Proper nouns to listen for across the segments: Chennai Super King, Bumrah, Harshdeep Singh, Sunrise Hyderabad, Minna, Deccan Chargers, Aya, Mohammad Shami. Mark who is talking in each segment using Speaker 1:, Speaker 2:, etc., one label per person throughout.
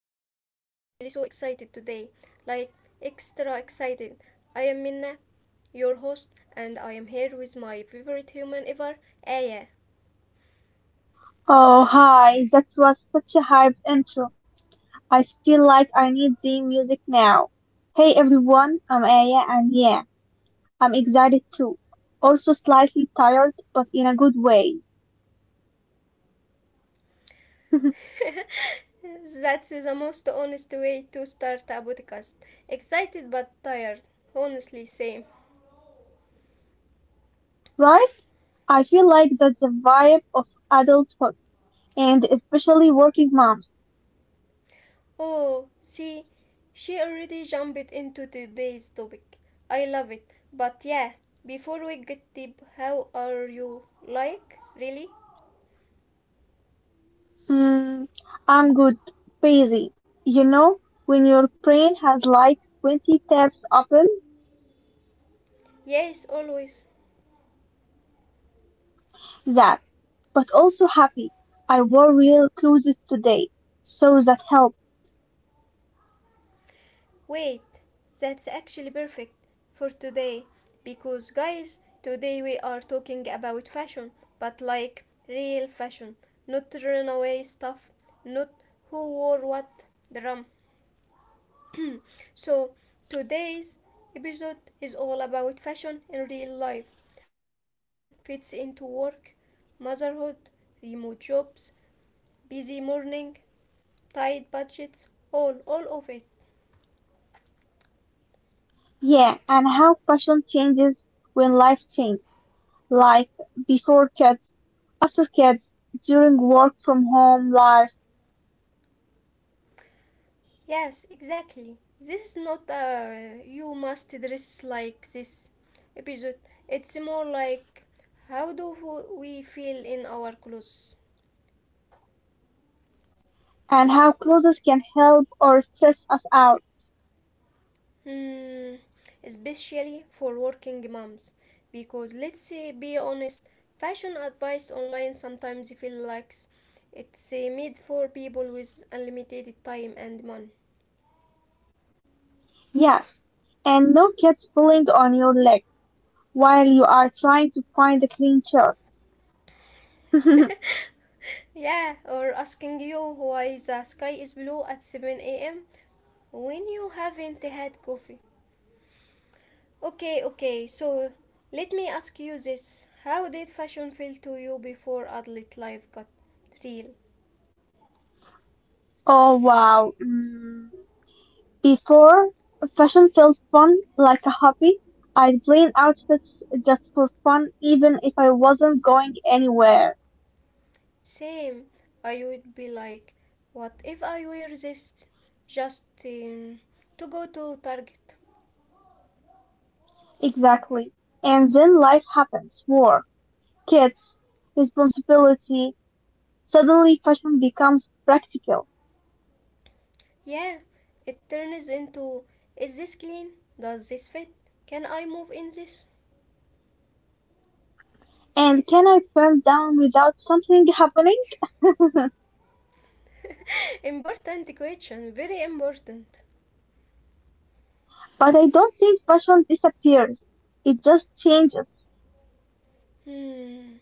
Speaker 1: am actually so excited today. Like, extra excited. I am Minna, your host, and I am here with my favorite human ever, Aya.
Speaker 2: Oh, hi. That was such a hyped intro. I feel like I need the music now. Hey everyone, I'm Aya and yeah, I'm excited too. Also slightly tired, but in a good way.
Speaker 1: That's the most honest way to start a podcast. Excited but tired, honestly, same.
Speaker 2: Right? I feel like that's the vibe of adulthood and especially working moms.
Speaker 1: Oh, see, she already jumped into today's topic. I love it. But yeah, before we get deep, how are you? Like, really?
Speaker 2: Mm, I'm good, busy. You know, when your brain has like 20 tabs open,
Speaker 1: Yes, always.
Speaker 2: that. But also happy. I wore real clothes today, so that helped.
Speaker 1: Wait, that's actually perfect for today. Because, guys, today we are talking about fashion, but like real fashion, not runaway stuff, not who wore what drum, so, today's episode is all about fashion in real life how fashion fits into work, motherhood, remote jobs, busy morning, tight budgets, all of it.
Speaker 2: Yeah, and how fashion changes when life changes. Like before kids, after kids, during work from home life,
Speaker 1: Yes, exactly. This is not a you must dress like this episode. It's more like how do we feel in our clothes?
Speaker 2: and how clothes can help or stress us out.
Speaker 1: Hmm, especially for working moms. Because let's be honest, fashion advice online sometimes feels like it's made for people with unlimited time and money.
Speaker 2: Yes, and no kids pulling on your leg while you are trying to find a clean shirt.
Speaker 1: Yeah, or asking you why the sky is blue at 7 a.m. when you haven't had coffee. Okay, okay, so let me ask you this. How did fashion feel to you before adult life got real?
Speaker 2: Oh wow. Mm. Before, fashion felt fun, like a hobby. I'd plan outfits just for fun, even if I wasn't going anywhere.
Speaker 1: Same. I would be like, what if I wear this just to go to Target?
Speaker 2: Exactly. And then life happens. War, kids, responsibility. Suddenly fashion becomes practical.
Speaker 1: Yeah, it turns into, is this clean? Does this fit? Can I move in this?
Speaker 2: And can I burn down without something happening?
Speaker 1: Important question, very important.
Speaker 2: But I don't think fashion disappears. It just changes
Speaker 1: Hmm.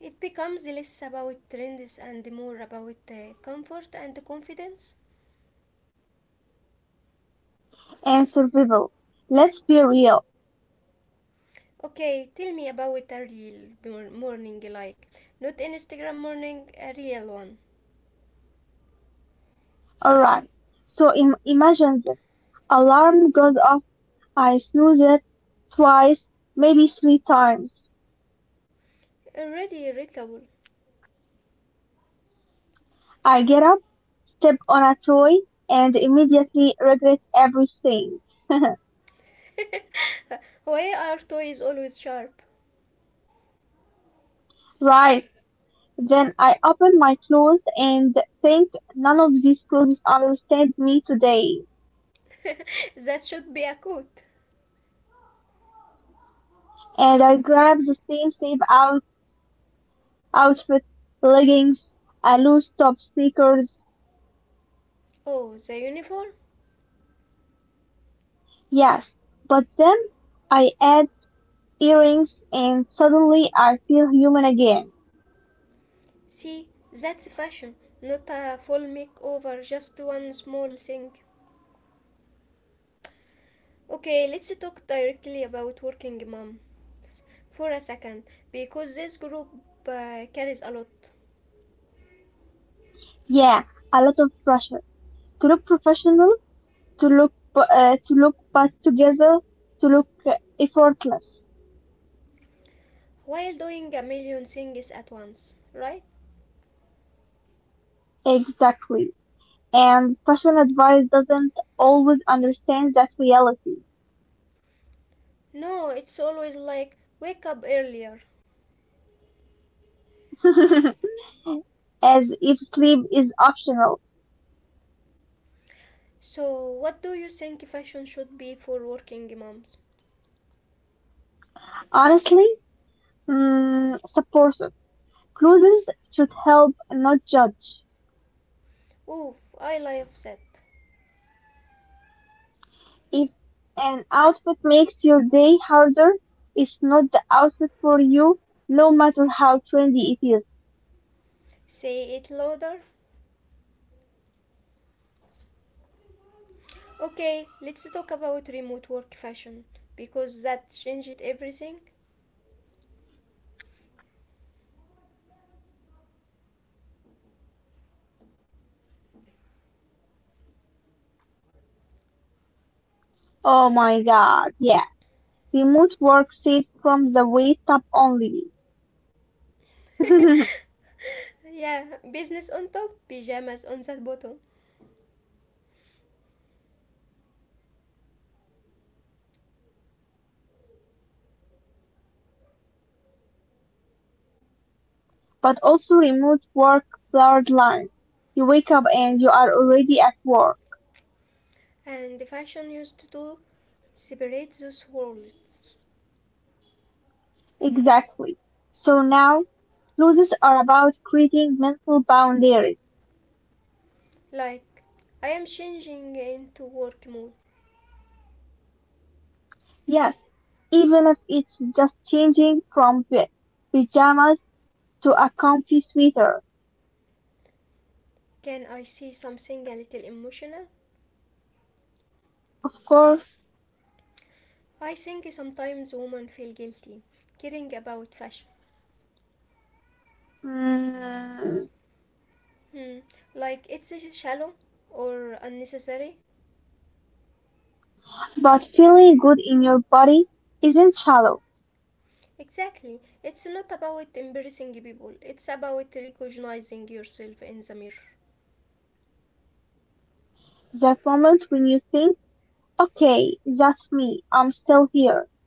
Speaker 1: It becomes less about trends and more about comfort and confidence.
Speaker 2: and survival. Let's be real.
Speaker 1: Okay, tell me about a real morning like. Not Instagram morning, a real one.
Speaker 2: Alright. So imagine this. Alarm goes off, I snooze it twice, maybe three times.
Speaker 1: Really irritable.
Speaker 2: I get up, step on a toy, and immediately regret everything.
Speaker 1: Why are toys always sharp?
Speaker 2: Right. Then I open my clothes and think, none of these clothes understand me today.
Speaker 1: That should be a coat.
Speaker 2: And I grab the same outfit, leggings, a loose top, sneakers.
Speaker 1: Oh, the uniform?
Speaker 2: Yes. But then I add earrings and suddenly I feel human again.
Speaker 1: See, that's fashion, not a full makeover, just one small thing. Okay, let's talk directly about working moms for a second, because this group carries a lot.
Speaker 2: Yeah, a lot of pressure to look professional, to look put together, to look effortless.
Speaker 1: While doing a million things at once, right?
Speaker 2: Exactly. And fashion advice doesn't always understand that reality.
Speaker 1: No, it's always like wake up earlier.
Speaker 2: As if sleep is optional.
Speaker 1: So, what do you think fashion should be for working moms?
Speaker 2: Honestly, supportive. Clothes should help, not judge.
Speaker 1: Oof, I lie upset.
Speaker 2: If an outfit makes your day harder, it's not the outfit for you, no matter how trendy it is.
Speaker 1: Say it louder. Okay, let's talk about remote work fashion because that changed everything.
Speaker 2: Oh my god, yes. Remote work saved from the waist up only. But
Speaker 1: Yeah, business on top, pajamas on that bottom.
Speaker 2: also remote work blurred lines. You wake up and you are already at work.
Speaker 1: And fashion used to separate those worlds.
Speaker 2: Exactly. So now, losses are about creating mental boundaries.
Speaker 1: Like, I am changing into work mode.
Speaker 2: Yes, even if it's just changing from the pajamas to a comfy sweater.
Speaker 1: Can I see something a little emotional?
Speaker 2: Of course,
Speaker 1: I think sometimes women feel guilty caring about fashion.
Speaker 2: mm,
Speaker 1: Hmm, like it's shallow or unnecessary.
Speaker 2: but feeling good in your body isn't shallow.
Speaker 1: Exactly. It's not about embarrassing people, it's about recognizing yourself in the mirror.
Speaker 2: That moment when you think, okay, that's me, I'm still here,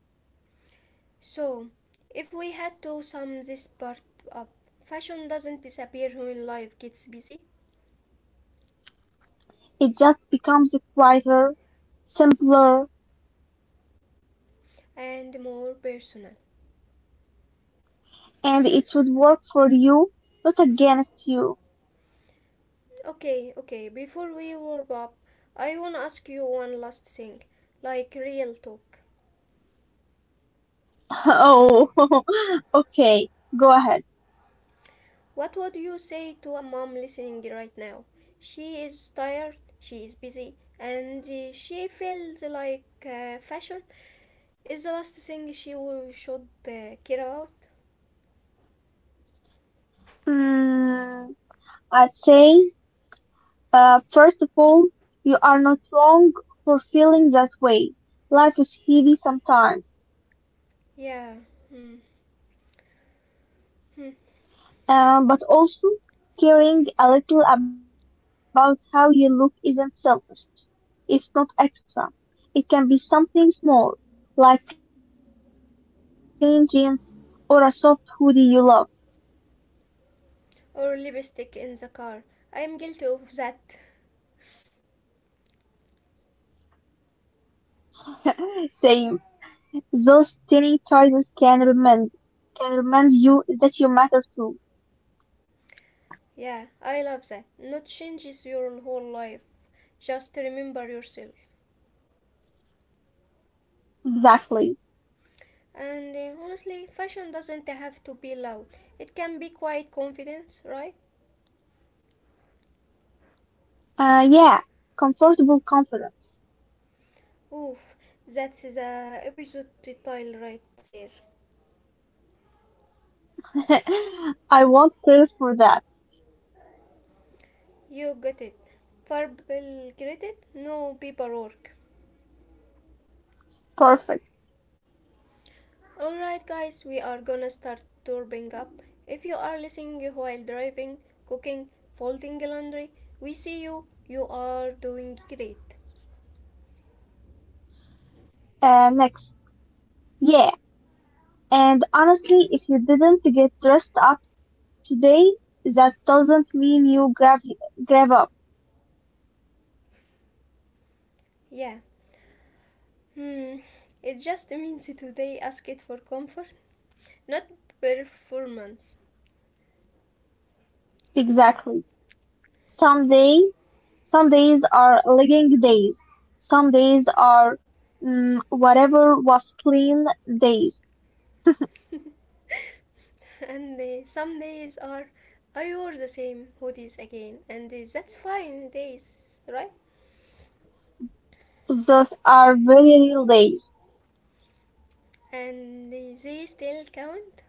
Speaker 1: So, if we had to sum this part up, fashion doesn't disappear when life gets busy
Speaker 2: it just becomes quieter, simpler,
Speaker 1: and more personal.
Speaker 2: and it should work for you, not against you.
Speaker 1: Okay, okay, before we wrap up, I wanna ask you one last thing like real talk.
Speaker 2: Oh, okay, go ahead.
Speaker 1: What would you say to a mom listening right now? She is tired, she is busy, and she feels like fashion is the last thing she will should care about?
Speaker 2: Mm, I'd say,
Speaker 1: Hmm?
Speaker 2: first of all, you are not wrong for feeling that way. Life is heavy sometimes.
Speaker 1: Yeah. Hmm. Hmm.
Speaker 2: But also, caring a little about how you look isn't selfish. It's not extra. It can be something small, like clean jeans or a soft hoodie you love.
Speaker 1: Or lipstick in the car. I am guilty of that.
Speaker 2: Same. Those tiny choices can remind you that you matter too.
Speaker 1: Yeah, I love that. Not changes your whole life. Just remember yourself.
Speaker 2: Exactly.
Speaker 1: And honestly, fashion doesn't have to be loud. It can be quite confidence, right?
Speaker 2: Yeah. Comfortable confidence.
Speaker 1: Oof, that's the episode title right there.
Speaker 2: I want praise for that.
Speaker 1: You got it. Verbal credit, no paperwork.
Speaker 2: Perfect.
Speaker 1: Alright, guys, we are gonna start turbing up. If you are listening while driving, cooking, folding laundry, we see you. You are doing great.
Speaker 2: Next. Yeah. And honestly, if you didn't get dressed up today, that doesn't mean you grab up.
Speaker 1: Yeah. Hmm. It just means today ask it for comfort, not performance.
Speaker 2: Exactly. Some day, some days are legging days. Some days are whatever was clean days.
Speaker 1: And some days are I wore the same hoodies again, and that's fine days, right?
Speaker 2: Those are very real days.
Speaker 1: And they still count.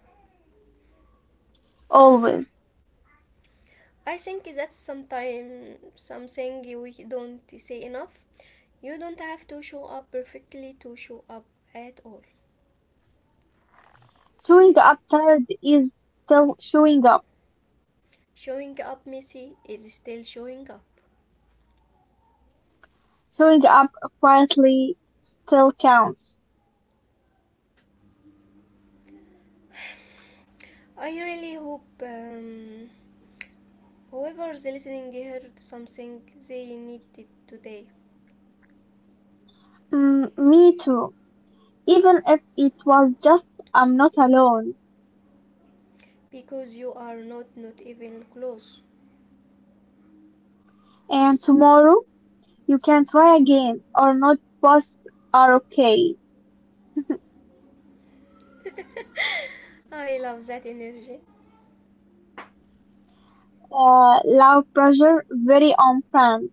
Speaker 2: Always.
Speaker 1: I think that's sometimes something we don't say enough. You don't have to show up perfectly to show up at all.
Speaker 2: Showing up tired is still showing up.
Speaker 1: Showing up messy is still showing up.
Speaker 2: Showing up quietly still counts.
Speaker 1: I really hope whoever's listening heard something they needed today
Speaker 2: Mm, me too. Even if it was just I'm not alone
Speaker 1: because you are not not even close.
Speaker 2: and tomorrow you can try again or not, both are okay.
Speaker 1: I love that energy.
Speaker 2: Low pressure, very on unplanned.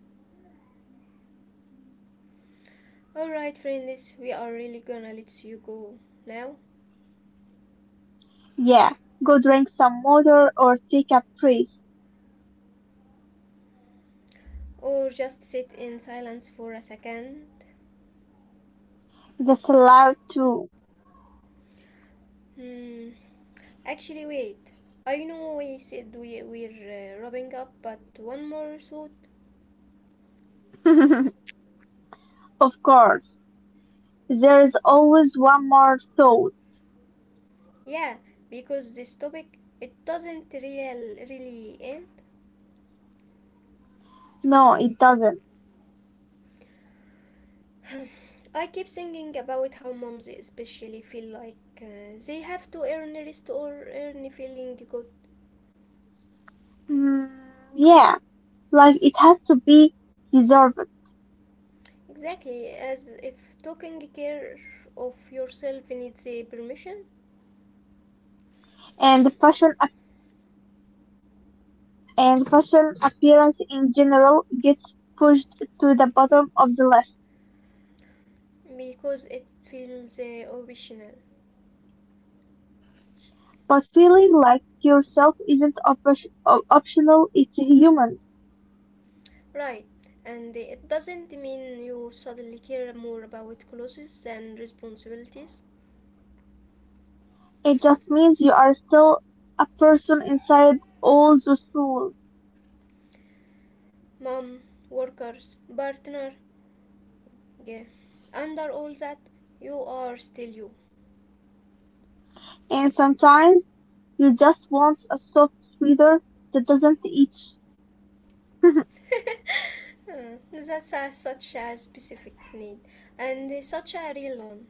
Speaker 1: Alright, friends, we are really gonna let you go now
Speaker 2: Yeah, go drink some water or take a breath.
Speaker 1: or just sit in silence for a second.
Speaker 2: That's allowed too.
Speaker 1: Hmm. Actually, wait. I know we said we're wrapping up, but one more thought.
Speaker 2: Of course, there is always one more thought.
Speaker 1: Yeah, because this topic it doesn't really end.
Speaker 2: No, it doesn't.
Speaker 1: I keep thinking about how moms especially feel like they have to earn rest or earn feeling good.
Speaker 2: Mm, yeah, like it has to be deserved.
Speaker 1: Exactly, as if taking care of yourself needs a permission
Speaker 2: And fashion and fashion appearance in general gets pushed to the bottom of the list.
Speaker 1: because it feels optional.
Speaker 2: But feeling like yourself isn't optional, it's human.
Speaker 1: Right, and it doesn't mean you suddenly care more about clothes and responsibilities.
Speaker 2: It just means you are still a person inside all those rules.
Speaker 1: Mom, workers, partner, yeah. Under all that, you are still you.
Speaker 2: And sometimes you just want a soft sweater that doesn't itch.
Speaker 1: That's a, such a specific need and such a real one.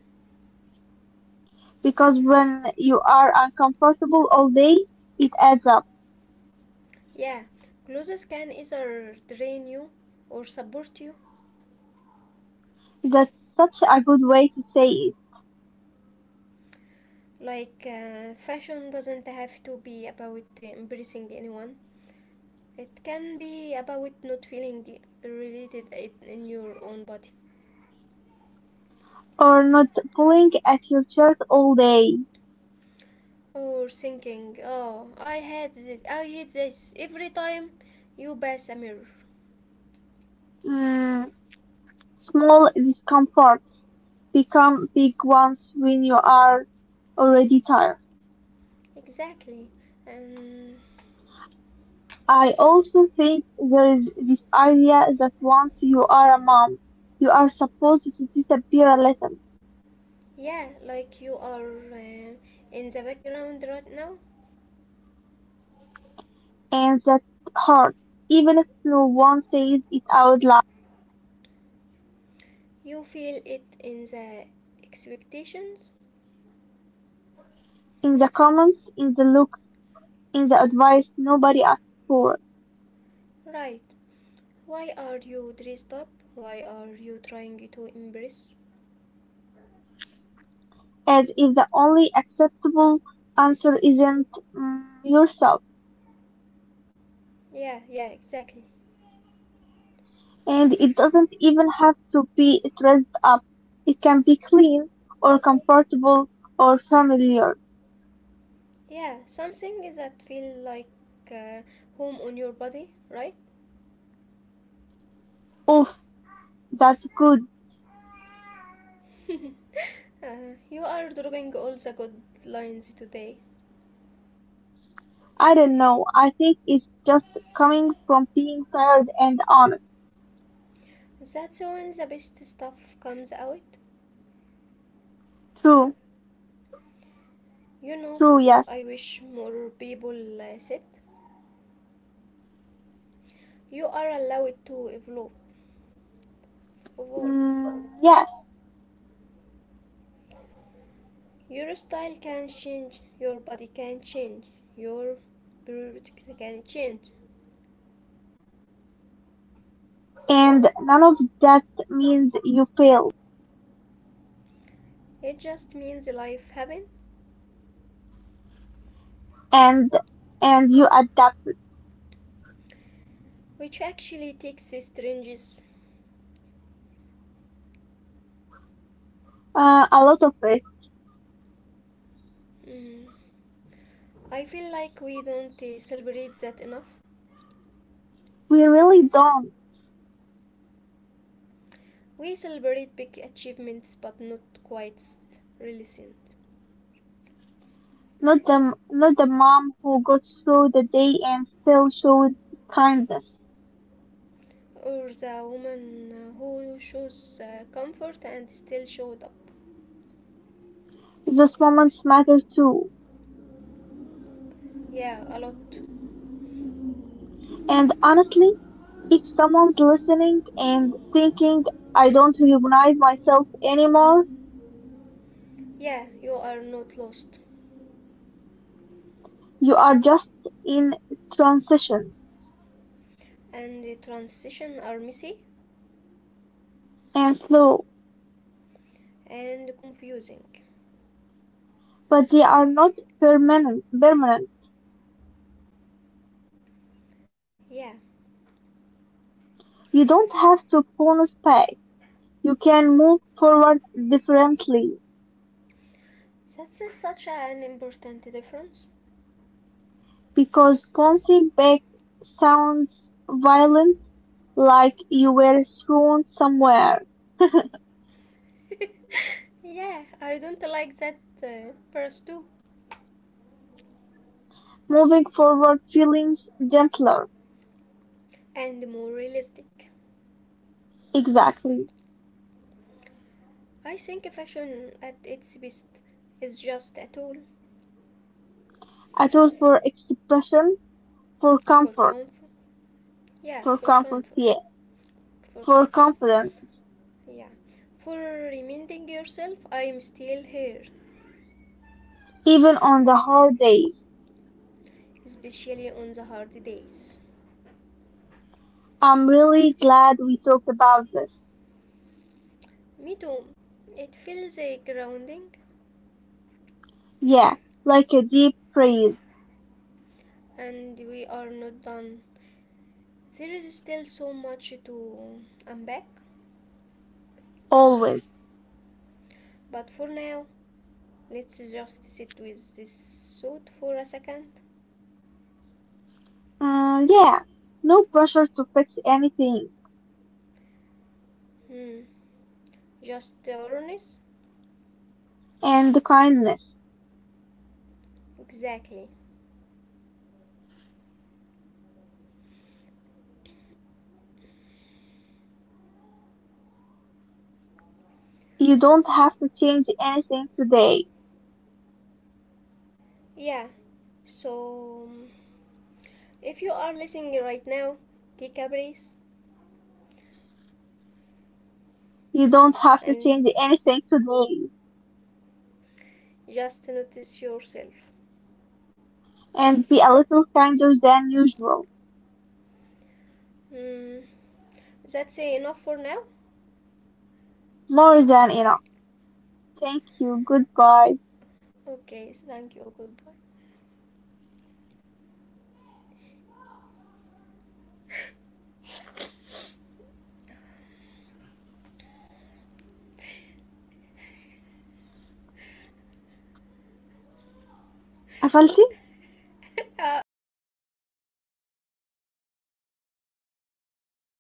Speaker 2: Because when you are uncomfortable all day, it adds up.
Speaker 1: Yeah, clothes can either drain you or support you.
Speaker 2: That's such a good way to say it.
Speaker 1: Like, fashion doesn't have to be about embracing anyone, it can be about not feeling in your own body
Speaker 2: Or not pulling at your shirt all day.
Speaker 1: or thinking, oh, I had it, I hate this every time you pass a mirror.
Speaker 2: Mm, small discomforts become big ones when you are already tired.
Speaker 1: Exactly. And
Speaker 2: I also think there is this idea that once you are a mom, you are supposed to disappear a little,
Speaker 1: yeah, like you are in the background right now,
Speaker 2: and that hurts, even if no one says it out loud.
Speaker 1: you feel it in the expectations,
Speaker 2: In the comments, in the looks, in the advice nobody asks for,
Speaker 1: right? Why are you dressed up? Why are you trying to embrace?
Speaker 2: as if the only acceptable answer isn't yourself.
Speaker 1: Yeah, yeah, exactly.
Speaker 2: And it doesn't even have to be dressed up. It can be clean or comfortable or familiar.
Speaker 1: Yeah, something that feel like uh, home on your body, right?
Speaker 2: Oof, that's good.
Speaker 1: You are dropping all the good lines today.
Speaker 2: I don't know. I think it's just coming from being tired and honest.
Speaker 1: That's when the best stuff comes out.
Speaker 2: True,
Speaker 1: You know
Speaker 2: true,
Speaker 1: what
Speaker 2: yes.
Speaker 1: I wish more people said? You are allowed to evolve.
Speaker 2: Mm, yes.
Speaker 1: Your style can change, your body can change, your priority can change.
Speaker 2: And none of that means you fail
Speaker 1: It just means life happen,
Speaker 2: and and you adapt,
Speaker 1: which actually takes strangers.
Speaker 2: a lot of it.
Speaker 1: Mm. I feel like we don't celebrate that enough.
Speaker 2: We really don't.
Speaker 1: We celebrate big achievements but not quite resilient.
Speaker 2: Not the mom who got through the day and still showed kindness.
Speaker 1: Or the woman who shows comfort and still showed up.
Speaker 2: Those moments matter too.
Speaker 1: Yeah, a lot.
Speaker 2: And honestly, if someone's listening and thinking, I don't recognize myself anymore,
Speaker 1: Yeah, you are not lost.
Speaker 2: you are just in transition
Speaker 1: And the transition are messy
Speaker 2: and slow,
Speaker 1: and confusing.
Speaker 2: but they are not permanent. Permanent.
Speaker 1: Yeah,
Speaker 2: You don't have to bonus back. You can move forward differently.
Speaker 1: that's such an important difference.
Speaker 2: Because bouncing back sounds violent, like you were thrown somewhere.
Speaker 1: Yeah, I don't like that verse too.
Speaker 2: Moving forward feelings gentler.
Speaker 1: And more realistic.
Speaker 2: Exactly.
Speaker 1: I think fashion at its best is just a tool
Speaker 2: I tool for expression, for
Speaker 1: for
Speaker 2: comfort,
Speaker 1: comfort. Yeah,
Speaker 2: for
Speaker 1: for
Speaker 2: comfort,
Speaker 1: comfort,
Speaker 2: yeah,
Speaker 1: for
Speaker 2: for
Speaker 1: confidence.
Speaker 2: confidence,
Speaker 1: Yeah, for reminding yourself I'm still here,
Speaker 2: even on the hard days.
Speaker 1: especially on the hard days.
Speaker 2: I'm really glad we talked about this.
Speaker 1: Me too. It feels a grounding,
Speaker 2: Yeah, like a deep praise,
Speaker 1: and we are not done. There is still so much to unpack,
Speaker 2: always.
Speaker 1: but for now, let's just sit with this thought for a second.
Speaker 2: Mm, yeah, no pressure to fix anything,
Speaker 1: Hmm. Just the awareness?
Speaker 2: and kindness.
Speaker 1: Exactly.
Speaker 2: You don't have to change anything today.
Speaker 1: Yeah, so if you are listening right now, take a breath
Speaker 2: You don't have to change
Speaker 1: and
Speaker 2: anything today.
Speaker 1: just notice yourself.
Speaker 2: And be a little kinder than usual.
Speaker 1: Hmm, that's enough for now.
Speaker 2: More than enough. Thank you. Goodbye.
Speaker 1: Okay, thank you, goodbye. اه مفيش فايدة
Speaker 2: قفلتي؟
Speaker 1: استنى ده ما